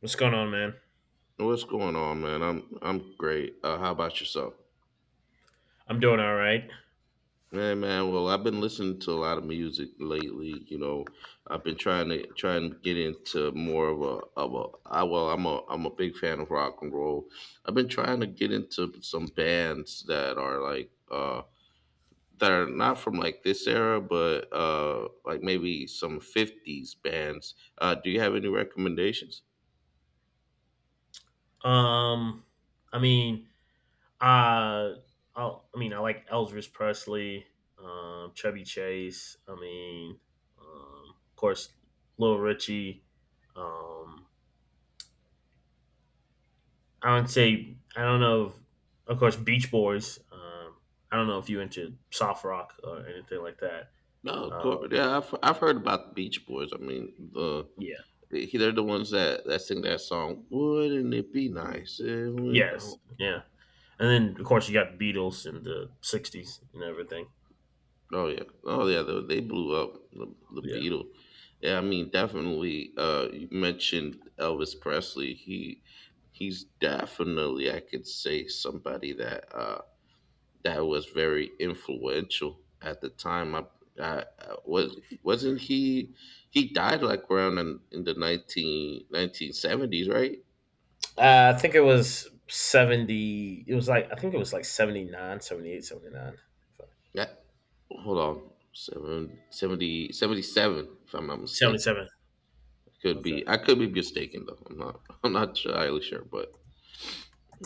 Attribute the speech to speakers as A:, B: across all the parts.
A: What's going on, man?
B: What's going on, man? I'm great. How about yourself?
A: I'm doing all right.
B: Hey, man. Well, I've been listening to a lot of music lately. You know, I've been trying to get into more of a. I Well, I'm a big fan of rock and roll. I've been trying to get into some bands that are like that are not from like this era, but like maybe some '50s bands. Do you have any recommendations?
A: Um, I mean, uh, I like Elvis Presley, Chevy Chase. Um, of course, Little Richie. Um, I would say I don't know. If, Of course, Beach Boys. I don't know if you into soft rock or anything like that.
B: No, of course.
A: Um,
B: Yeah, I've heard about the Beach Boys. I mean, the
A: yeah.
B: They're the ones that sing that song. Wouldn't it be nice? If we,
A: Yes.
B: oh,
A: Yeah. And then, of course, you got the Beatles in the '60s and everything.
B: oh yeah, oh yeah. They blew up the
A: Yeah.
B: Beatles. Yeah, I mean definitely. You mentioned Elvis Presley. He's definitely I could say somebody that that was very influential at the time. I was wasn't he died like around in the nineteen seventies, right?
A: I think it was 70. It was like, I think it was like 79, 78,
B: Yeah, hold on, seven, 70, 77, if I'm not
A: 79.
B: mistaken.
A: 77. Okay.
B: I could be mistaken though. I'm not, I'm not entirely sure, but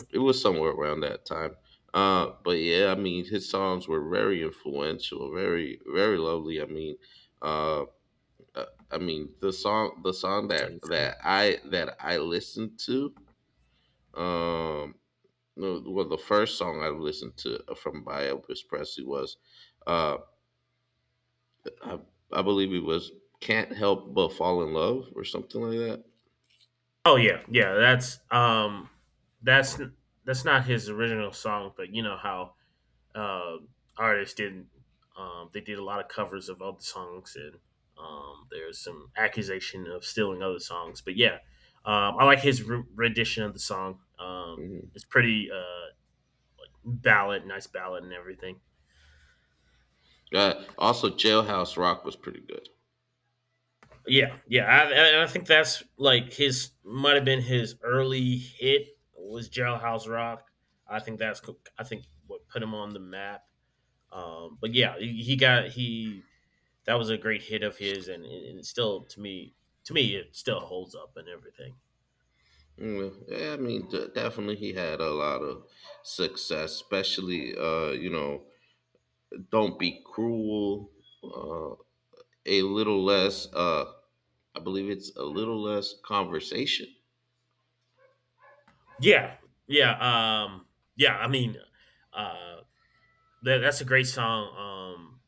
B: it was somewhere around that time. But yeah, I mean, his songs were very influential, very, very lovely. Uh, uh, I mean, the song, the song that
A: 77.
B: that I that I listened to, um, no, well, the first song I listened to from by Elvis Presley was. uh. I, I believe it was Can't Help But Fall in Love or something like that.
A: Oh yeah. Yeah, that's that's not his original song, but you know how uh, artists did they did a lot of covers of other songs and there's some accusation of stealing other songs, but yeah. I like his rendition of the song.
B: Mhm.
A: It's pretty nice ballad and everything.
B: Also, Jailhouse Rock was pretty good.
A: And I think that's like his might have been his early hit was Jailhouse Rock. I think I think what put him on the map. But yeah, he got he that was a great hit of his, and, it still to me it still holds up and everything.
B: Yeah, yeah, I mean, definitely he had a lot of success, especially, you know, don't be cruel, uh, a little less, I believe it's a little less conversation.
A: Yeah, yeah, um, yeah. I mean, uh, that's a great song.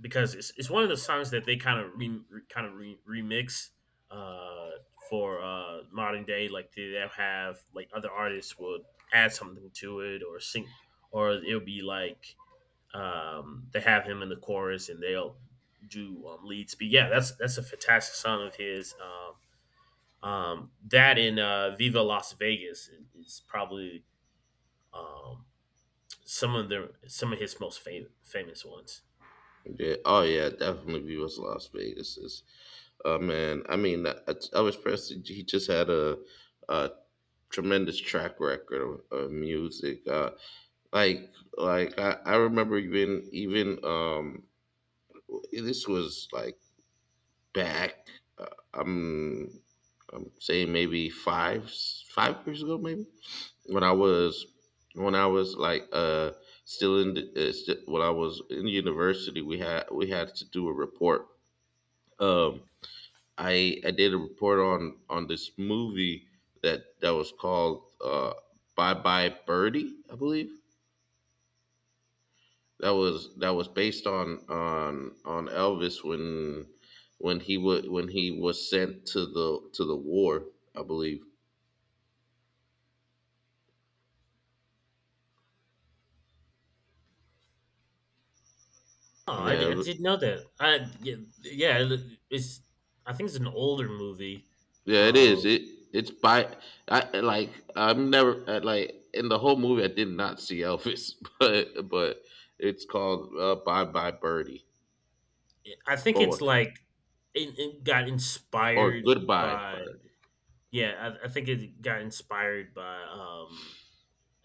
A: Because it's one of the songs that they kind of remix for modern day. Like they have like other artists will add something to it or sing, or it'll be like they have him in the chorus and they'll do lead speed. Yeah, that's a fantastic song of his. That in Viva Las Vegas is probably um, some of his most famous ones.
B: Yeah. Oh yeah, definitely be was Las Vegas is, man, I mean, Elvis Presley, he just had a tremendous track record of music, like I remember even even this was like back, uh, i'm I'm saying maybe five years ago, maybe when I was when I was like still in the, when I was in university, we had to do a report, um I did a report on this movie that was called Bye Bye Birdie, I believe, that was based on Elvis, when he would when he was sent to the war, I believe.
A: Oh,
B: Yeah.
A: I didn't know that. I yeah, yeah, it- It's, I think it's an older movie.
B: Yeah, it is.
A: Um,
B: It it's by I like I'm never, like in the whole movie I did not see Elvis, but it's called, Bye Bye Birdie
A: I think it's
B: or
A: like It got inspired
B: Goodbye
A: by
B: Birdie.
A: yeah. I think it got inspired by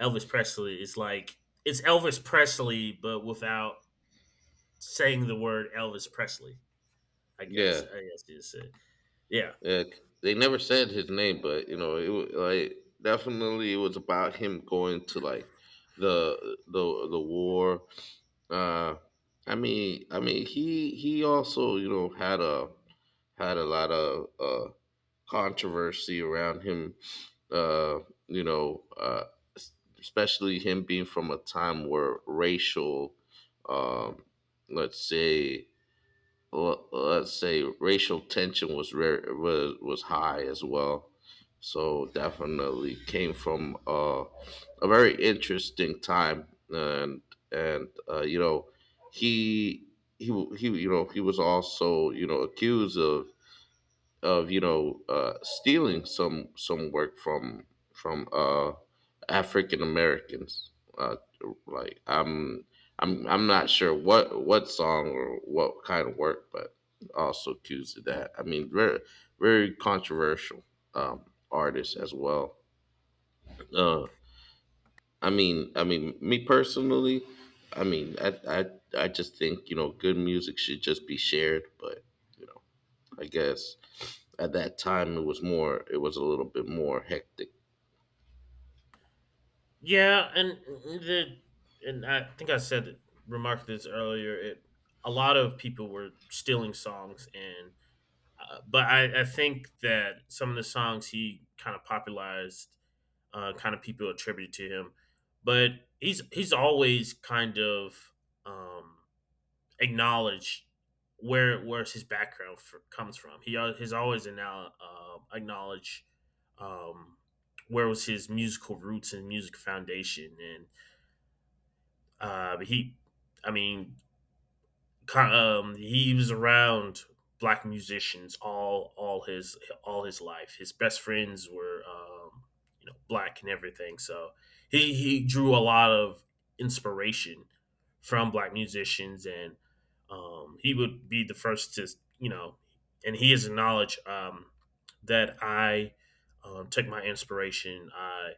A: Elvis Presley, is like it's Elvis Presley, but without saying the word Elvis Presley.
B: Yeah,
A: I guess you said yeah,
B: yeah. They never said his name, but you know, it like definitely it was about him going to like the war. Uh, I mean, he also you know had a had a lot of controversy around him, uh, you know, s- especially him being from a time where racial, um, let's say, let's say racial tension was rare, was high as well. So definitely came from, a very interesting time, and, you know, he he he you know he was also you know accused of you know, stealing some work from, African Americans. Uh, like I'm not sure what song or what kind of work, but also accused of that. I mean, very very controversial, um, artist as well. Uh, I mean, me personally, I mean, I I just think you know good music should just be shared, but you know. I guess at that time it was more, it was a little bit more hectic.
A: yeah, the and I think I said it, remarked this earlier. It A lot of people were stealing songs and. I think that some of the songs he kind of popularized, kind of people attribute to him. But he's always kind of um, acknowledge where where's his background for, comes from. Has always now acknowledged um, where was his musical roots and music foundation, and he, I mean, co- he was around black musicians all his life. His best friends were you know, black and everything. So he drew a lot of inspiration from black musicians, and he would be the first to you know, and he has acknowledged that I take my inspiration. I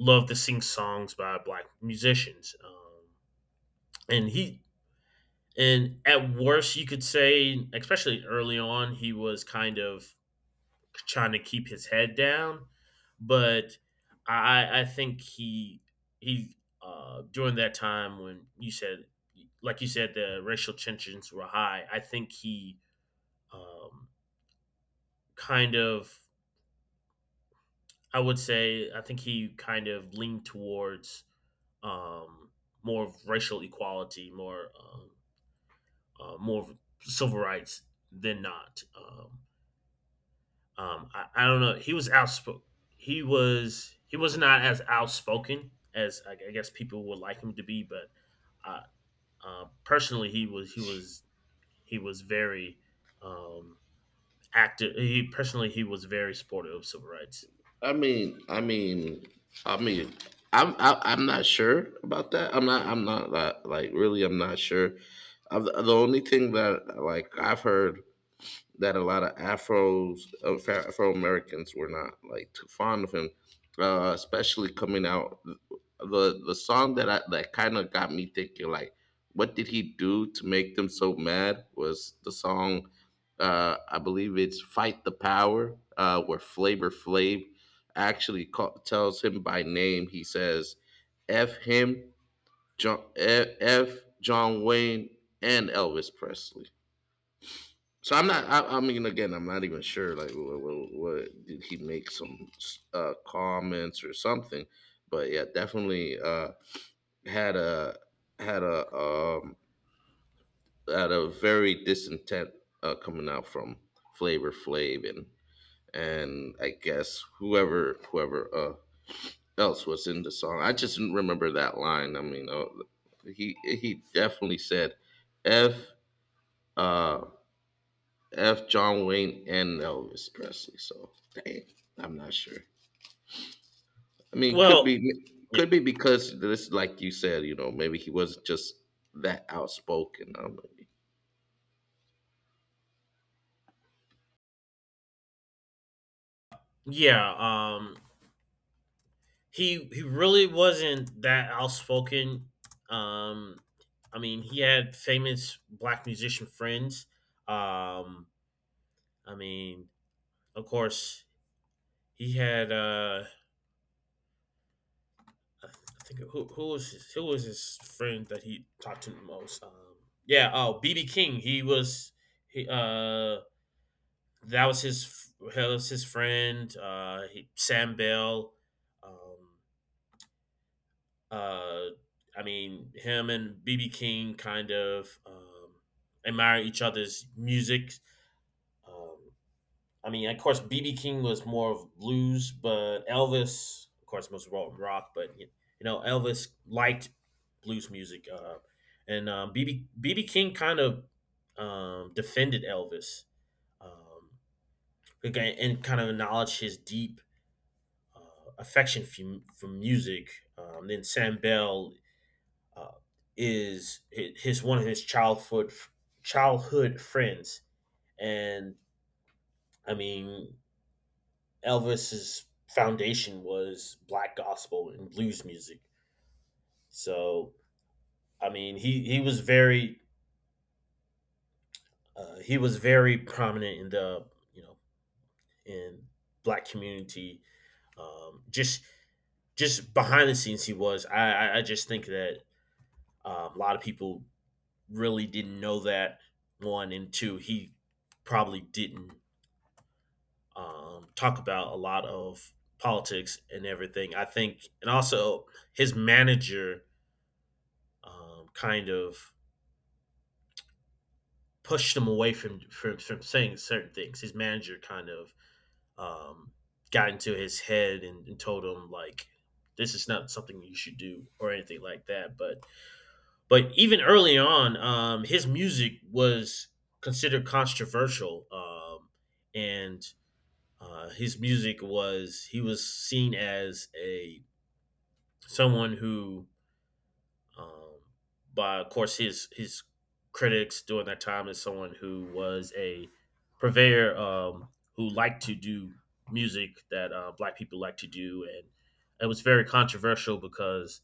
A: love to sing songs by black musicians. And he and at worst, you could say, especially early on, he was kind of trying to keep his head down. But I think he during that time when you said, the racial tensions were high. I think he um, kind of, I would say, I think he kind of leaned towards um, more of racial equality, more more of civil rights than not. I don't know. He was outspoken. He was not as outspoken as I guess people would like him to be, but uh, personally, he was very um, active. He personally, he was very supportive of civil rights.
B: I mean, I mean, I mean, I, I'm not sure about that. I'm not, I'm not, like really, I'm not sure. The only thing that like I've heard that a lot of Afros, Afro Americans were not like too fond of him, especially coming out. The song that I, that kind of got me thinking, like, what did he do to make them so mad? Was the song, I believe it's "Fight the Power," where Flavor Flav actually call, tells him by name. He says, "F him, John, F, F John Wayne, and Elvis Presley." So I'm not. I mean, again, I'm not even sure. Like, what did he make some, comments or something? But yeah, definitely, had a had a, had a very discontent, coming out from Flavor Flav and I guess whoever else was in the song. I just didn't remember that line. I mean, he definitely said, "F." Uh, F. John Wayne and Elvis Presley. So dang, I'm not sure. I mean, could
A: Well,
B: be,
A: yeah,
B: could be because this, like you said, you know, maybe he wasn't just that outspoken. I don't know.
A: yeah. He really wasn't that outspoken. Um, I mean, he had famous black musician friends. Um, I mean, of course, he had I think who was his friend that he talked to the most? Yeah, oh BB King. He was he That was his that was his friend. Sam Bell. Um, uh, I mean him and BB King kind of admire each other's music. Um, I mean, of course, BB King was more of blues, but Elvis, of course, most rock, but you know, Elvis liked blues music, and BB King kind of defended Elvis, um, again, and kind of acknowledged his deep affection for music. Then Sam Bell uh, is his one of his childhood friends, and I mean, Elvis's foundation was black gospel and blues music. So I mean, he was very prominent in the you know in black community. Um, just just behind the scenes, he was. I just think that a lot of people really didn't know that one and two. He probably didn't talk about a lot of politics and everything. I think, and also his manager kind of pushed him away from saying certain things. His manager kind of um, got into his head, and told him like this is not something you should do or anything like that. But even early on, his music was considered controversial, and his music was seen as a someone who Um, but of course, his critics during that time is someone who was a purveyor, who liked to do music that black people like to do, and it was very controversial because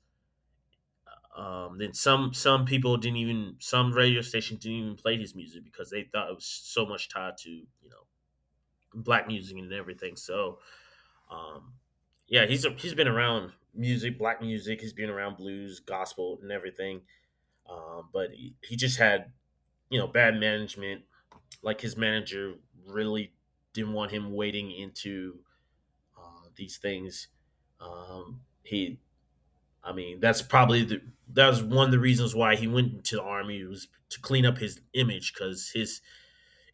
A: then some people didn't even, some radio stations didn't even play his music because they thought it was so much tied to you know, black music and everything. So um, yeah, he's been around music, black music. He's been around blues, gospel, and everything. But he just had, you know, bad management. Like his manager really didn't want him wading into these things. Um, he, I mean, that's probably that was one of the reasons why he went into the army, was to clean up his image, because his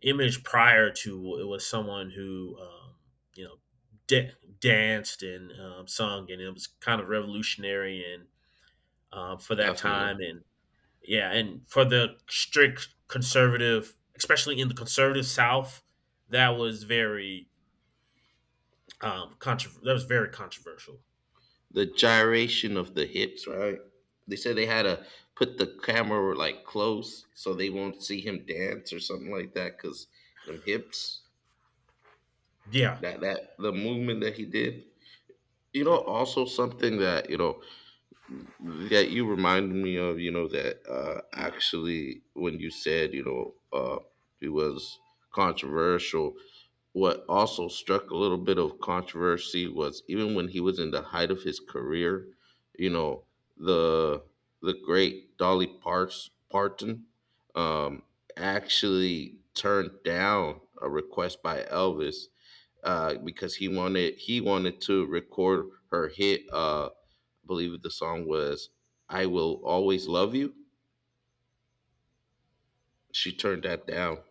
A: image prior to it was someone who, you know, da- danced and sung, and it was kind of revolutionary and for
B: Yeah,
A: that time, and yeah, and for the strict conservative, especially in the conservative South, that was very that was very controversial.
B: the gyration of the hips, right? They said they had to put the camera like close so they won't see him dance or something like that because them hips,
A: Yeah,
B: that the movement that he did. You know,
A: yeah.
B: also something that you know that you reminded me of, you know, that, actually when you said, you know, it was controversial, what also struck a little bit of controversy was even when he was in the height of his career, you know, the the great Dolly Parts Parton, um, actually turned down a request by Elvis, because he wanted to record her hit. I believe the song was "I Will Always Love You." She turned that down.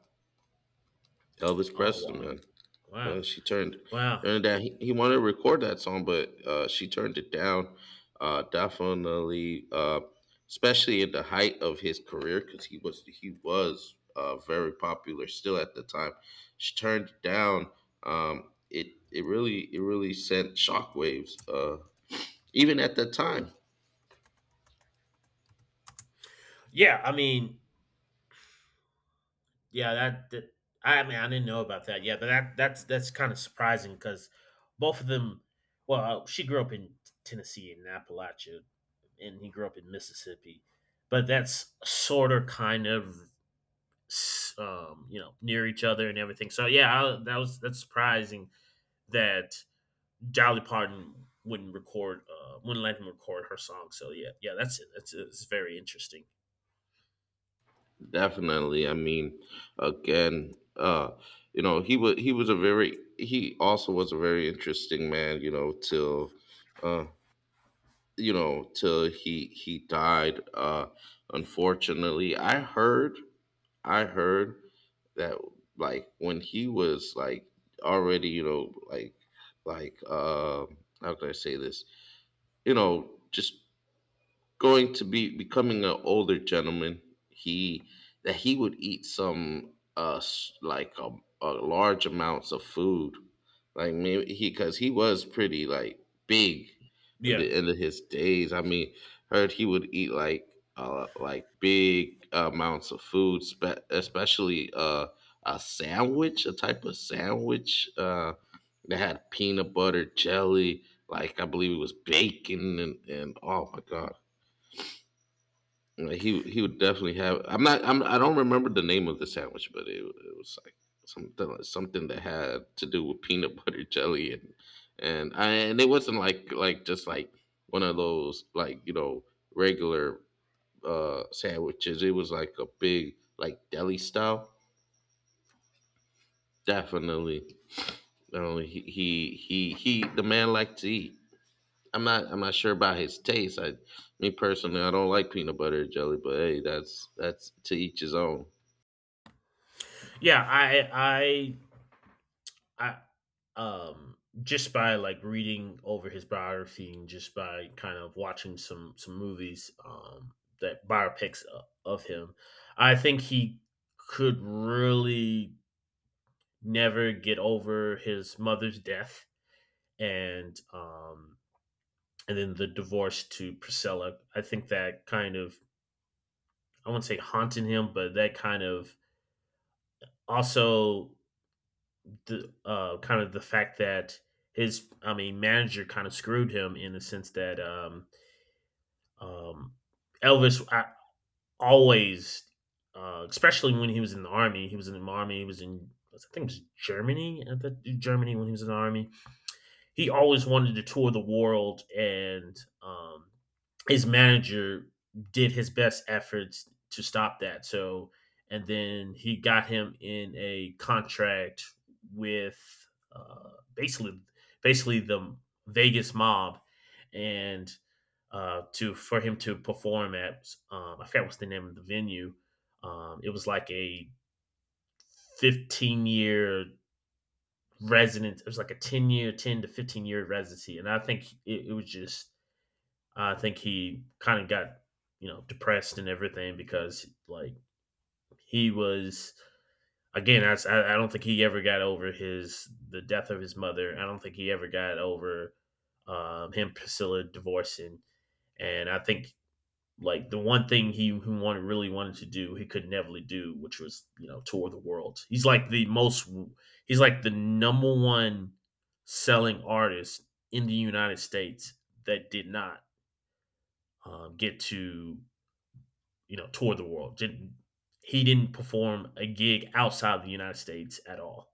B: Elvis
A: Oh
B: Presley,
A: wow,
B: man, man
A: wow,
B: she turned
A: wow.
B: turned it down. He wanted to record that song, but, she turned it down. Definitely, especially in the height of his career, because he was, very popular still at the time. She turned it down. It really sent shockwaves. Even at that time,
A: Yeah, I mean, yeah, that, that I mean, I didn't know about that. Yeah, but that's kind of surprising because both of them. Well, she grew up in Tennessee in Appalachia, and he grew up in Mississippi, but that's sort of kind of you know, near each other and everything. So yeah, that was, that's surprising that Dolly Parton wouldn't record, wouldn't let him record her song. So yeah, yeah, that's it. That's It's very interesting.
B: definitely, I mean, again, you know, he was a very, he also was a very interesting man, you know, till, uh you know, till he died, unfortunately. I heard I heard that like when he was like already, you know, like like uh how can I say this, you know, just going to be becoming an older gentleman. He that he would eat some, like a large amounts of food, like maybe he, because he was pretty like big in
A: Yeah,
B: the end of his days. I mean, heard he would eat like, like big amounts of food, especially a sandwich, a type of sandwich, that had peanut butter jelly. Like I believe it was bacon and, oh my god, he would definitely have. I'm not. I'm. I don't remember the name of the sandwich, but it was like something, like something that had to do with peanut butter jelly, and I, and it wasn't like just like one of those, like, you know, regular sandwiches. It was like a big, like deli style. Definitely. No, he. The man liked to eat. I'm not. I'm not sure about his taste. I, me personally, I don't like peanut butter and jelly, but hey, that's to each his own.
A: yeah, I, I, I, um, just by like reading over his biography, and just by kind of watching some movies, that biopics of him, I think he could really never get over his mother's death, and um, and then the divorce to Priscilla. I think that kind of, I wouldn't say haunting him, but that kind of also the kind of the fact that his I mean manager kind of screwed him in the sense that um, Elvis I, always, especially when he was in the army, he was in the army, he was in I think it was Germany, I think Germany when he was in the army, he always wanted to tour the world, and his manager did his best efforts to stop that. So, and then he got him in a contract with basically the Vegas mob, and to for him to perform at I forget what's the name of the venue. It was like a 15-year resident. It was like a 10 year, 10 to 15 year residency, and I think it was just. I think he kind of got you know depressed and everything because like he was, I don't think he ever got over his the death of his mother. I don't think he ever got over him Priscilla divorcing, and I think like the one thing he who wanted really wanted to do he could never really do, which was you know tour the world. He's like the number one selling artist in the United States that did not get to you know tour the world. Didn't perform a gig outside the United States at all.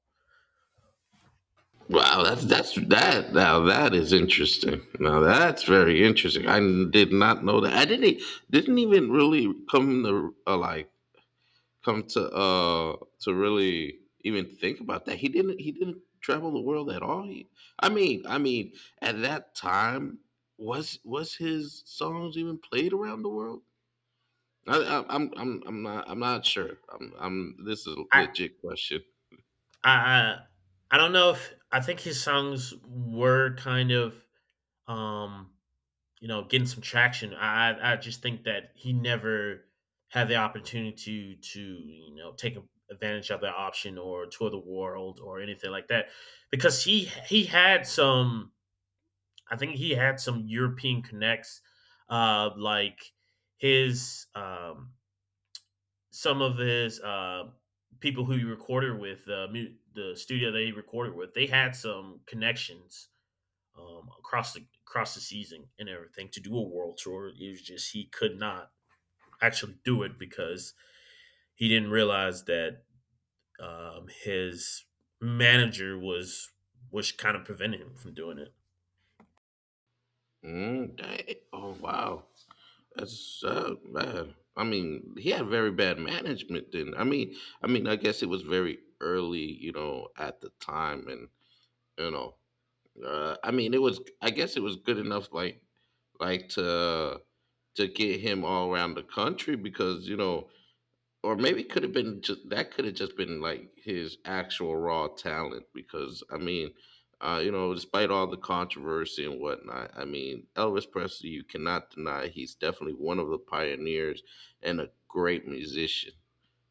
B: Wow, that's that, now that is interesting. Now that's very interesting. I did not know that. I didn't e, didn't even really come to, like come to really even think about that. He didn't, he didn't travel the world at all. He, I mean, at that time, was his songs even played around the world? I, I'm not, I'm not sure. I'm, this is a
A: i
B: legit question.
A: i i don't know. If i think his songs were kind of um you know, getting some traction. I just think that he never had the opportunity to to take advantage of that option or tour the world or anything like that because he had some, I think he had some European connects, like his some of his people who he recorded with, the studio they recorded with, they had some connections across the season and everything to do a world tour. It was just he could not actually do it because he didn't realize that his manager was, kind of preventing him from doing it.
B: Mm, dang. Oh wow. That's, bad. I mean, he had very bad management then. I mean, I mean, I guess it was very early, you know, at the time, and you know, I mean, it was. I guess it was good enough, like to get him all around the country, because you know, or maybe it could have been just, that could have just been like his actual raw talent, because I mean, you know, despite all the controversy and whatnot, I mean, Elvis Presley, you cannot deny he's definitely one of the pioneers and a great musician.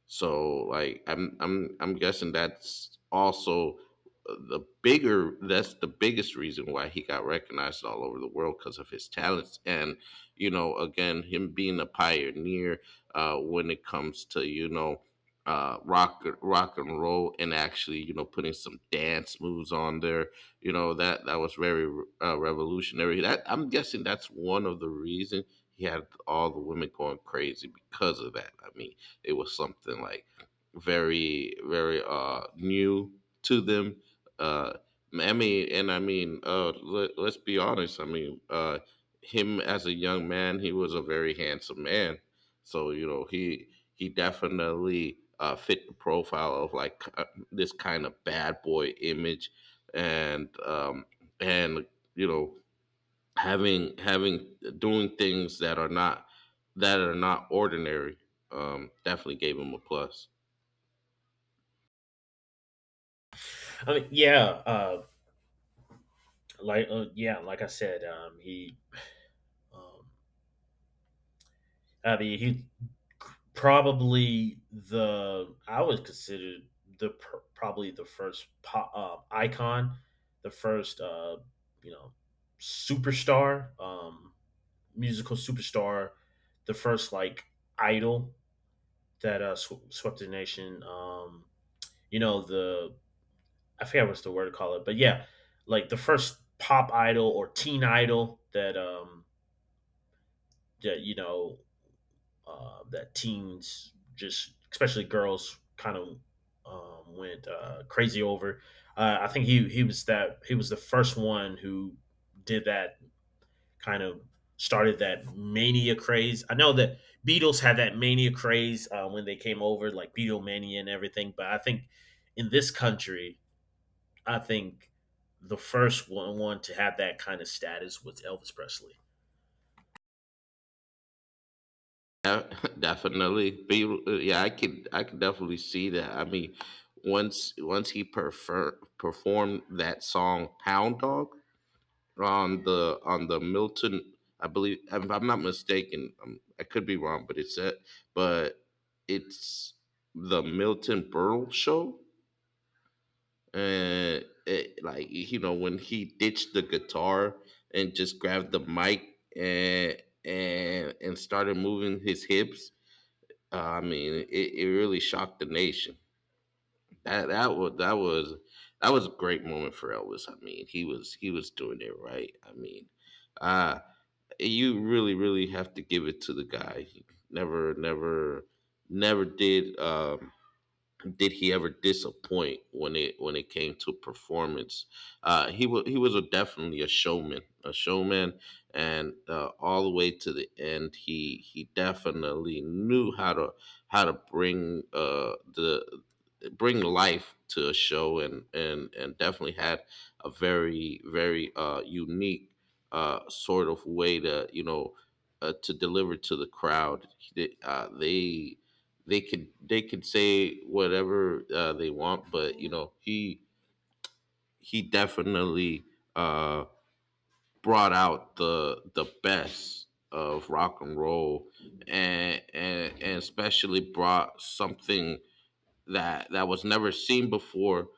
B: So I'm guessing that's also the bigger that's the biggest reason why he got recognized all over the world because of his talents and you know, again, him being a pioneer when it comes to, you know, rock and roll, and actually, you know, putting some dance moves on there. You know, that was very, revolutionary. That, I'm guessing, that's one of the reasons he had all the women going crazy because of that. I mean, it was something like very, very new to them. Uh I mean and I mean let, let's be honest. I mean, him as a young man, he was a very handsome man. So, you know, he definitely fit the profile of like, this kind of bad boy image. And um and you know having having doing things that are not ordinary definitely gave him a plus.
A: I mean, yeah, like yeah, like I said, he. Um, I mean, he probably the I would consider probably the first pop, icon, the first you know superstar, musical superstar, the first like idol that swept the nation. You know, the I forget what's the word to call it, but yeah, like the first pop idol or teen idol that that you know, that teens just, especially girls, kind of went crazy over. I think he was that he was the first one who did that, kind of started that mania craze. I know that Beatles had that mania craze when they came over, like Beatlemania and everything. But I think in this country, I think the first one, one to have that kind of status was Elvis Presley.
B: Yeah, definitely yeah, I could definitely see that. I mean, once he performed that song Hound Dog on the Milton, I believe, if I'm not mistaken, I could be wrong, but it's the Milton Berle show. Like, you know, when he ditched the guitar and just grabbed the mic and and started moving his hips. I mean, it really shocked the nation. That that was that was that was a great moment for Elvis. I mean, he was doing it right. I mean, uh you really, really have to give it to the guy. He never never never did, did he ever disappoint when it came to performance? He was a, definitely a showman, and all the way to the end, he definitely knew how to bring, the bring life to a show, and definitely had a very, very, unique sort of way to, you know, to deliver to the crowd. They could say whatever, they want, but you know, he definitely uh, brought out the best of rock and roll, and especially brought something that was never seen before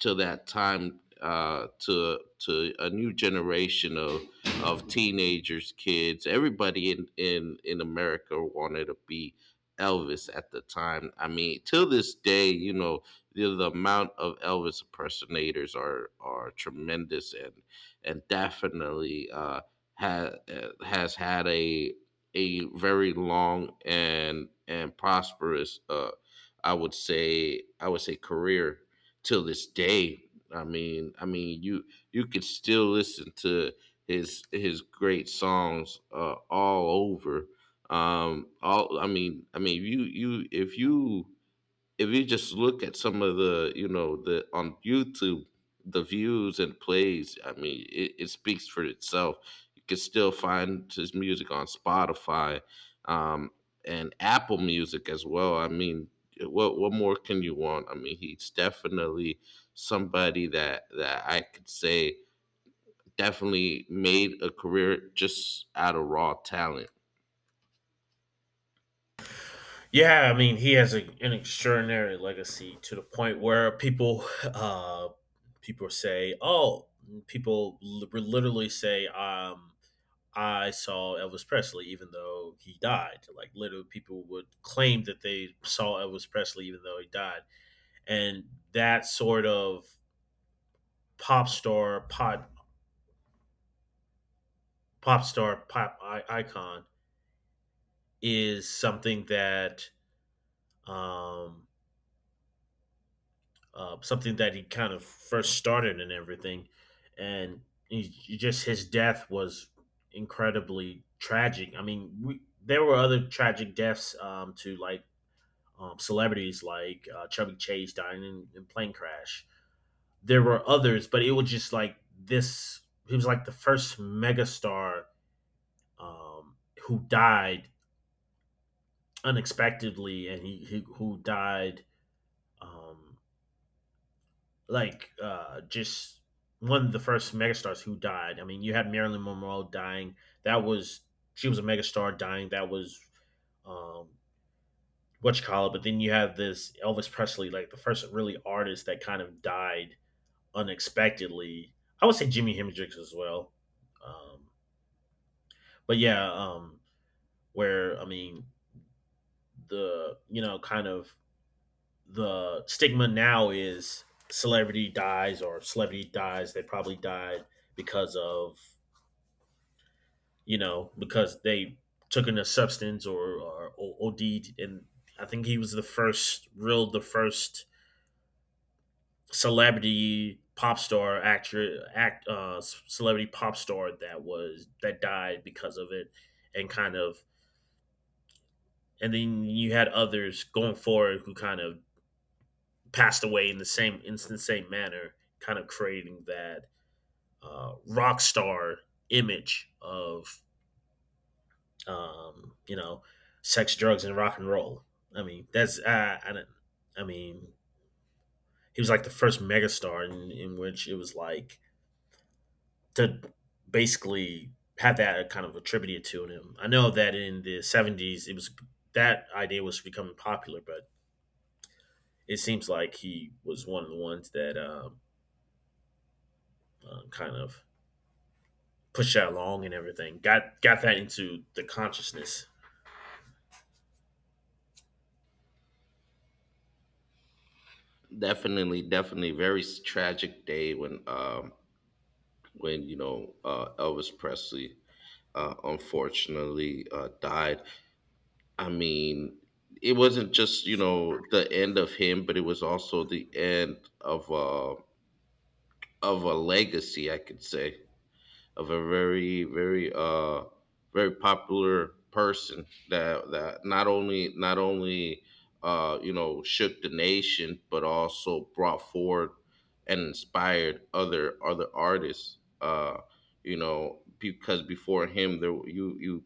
B: to that time, to to a new generation of teenagers, kids. Everybody in America wanted to be Elvis at the time. I mean, till this day, you know, the amount of Elvis impersonators are tremendous, and definitely, has had a very long and prosperous, I would say, career till this day. I mean, I mean, you could still listen to his great songs, all over. All I mean you you if you just look at some of the, you know, the on YouTube, the views and plays, I mean, it speaks for itself. You can still find his music on Spotify, um, and Apple Music as well. I mean, what more can you want? I mean, he's definitely somebody that I could say definitely made a career just out of raw talent.
A: Yeah, I mean, he has a, an extraordinary legacy to the point where people people say, "Oh, literally say, I saw Elvis Presley, even though he died." Like, literally, people would claim that they saw Elvis Presley, even though he died, and that sort of pop star, pop star, icon is um, something that he kind of first started and everything. And he just his death was incredibly tragic. I mean, we, there were other tragic deaths to like celebrities like Chubby Chase dying in plane crash. There were others, but it was just like this. He was like the first megastar um, who died unexpectedly, and he who died um, just one of the first megastars who died. I mean, you had Marilyn Monroe dying. That was, she was a megastar dying. That was um what you call it. But then you have this Elvis Presley, like the first really artist that kind of died unexpectedly. I would say Jimi Hendrix as well. Um, but yeah, where I mean the you know kind of the stigma now is celebrity dies or celebrity dies. They probably died because of, you know, because they took in a substance or, OD'd. And I think he was the first real the first celebrity pop star actor act celebrity pop star that was that died because of it, and kind of, and then you had others going forward who kind of passed away in the same, in the same manner, kind of creating that rock star image of you know, sex, drugs, and rock and roll. I mean, that's I, don't- I mean, he was like the first megastar in which it was like to basically have that kind of attributed to him. I know that in the 70s, it was, that idea was becoming popular, but it seems like he was one of the ones that kind of pushed that along and everything. Got that into the consciousness.
B: Definitely, very tragic day when, when you know, Elvis Presley, unfortunately, died. I mean, it wasn't just, you know, the end of him, but it was also the end of a legacy, I could say. Of a very, very popular person that not only, uh, you know, shook the nation, but also brought forward and inspired other artists. You know, because before him, there you you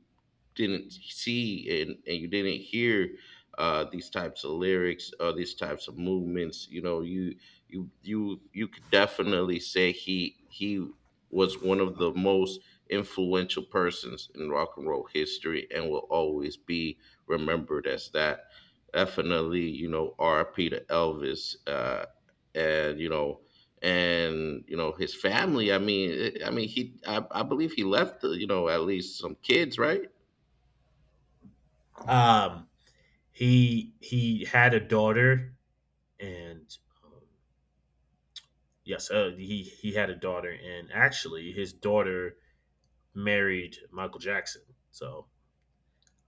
B: didn't see, and you didn't hear, these types of lyrics or these types of movements. You know, you you could definitely say he was one of the most influential persons in rock and roll history, and will always be remembered as that. Definitely, you know, R.P. to Elvis, and you know, and you know, his family. I mean, I believe he left, you know, at least some kids, right?
A: Um, he had a daughter, and um, yes, he had a daughter, and actually, his daughter married Michael Jackson. So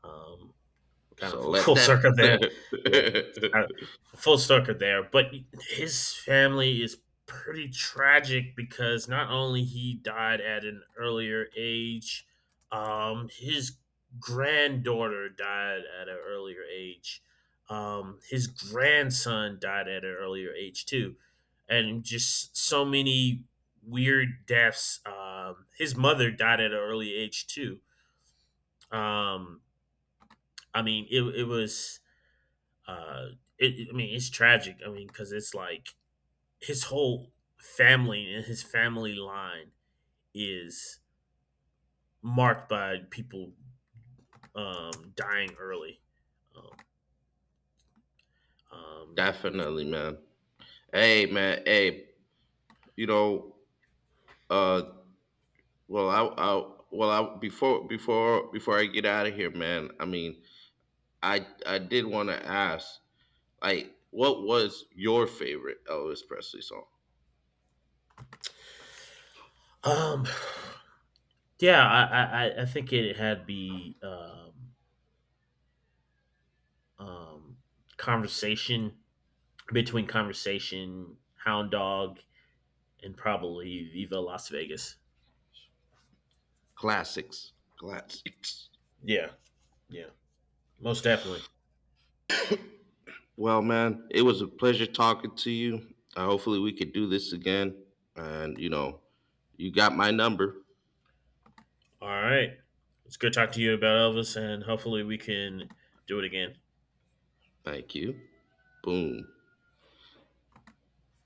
A: um, kind of
B: So
A: full,
B: let
A: full
B: that
A: circle there. Yeah. Uh, full circle there. But his family is pretty tragic because not only he died at an earlier age, his granddaughter died at an earlier age. His grandson died at an earlier age too, and just so many weird deaths. His mother died at an early age too. Um, I mean, it was uh it, I mean it's tragic, I mean because it's like his whole family and his family line is marked by people dying early. um,
B: definitely, man. Hey, man. Hey, you know, uh, well, I, before I get out of here, man. I mean, I did want to ask, like, what was your favorite Elvis Presley song?
A: um, um, yeah, I think it had the um conversation between, conversation, hound dog and probably viva las vegas.
B: Classics, classics.
A: Yeah, yeah, most definitely.
B: Well, man, it was a pleasure talking to you. Hopefully, we could do this again. And you know, you got my number.
A: All right. It's good talking to you about Elvis, and hopefully we can do it again.
B: Thank you. Boom.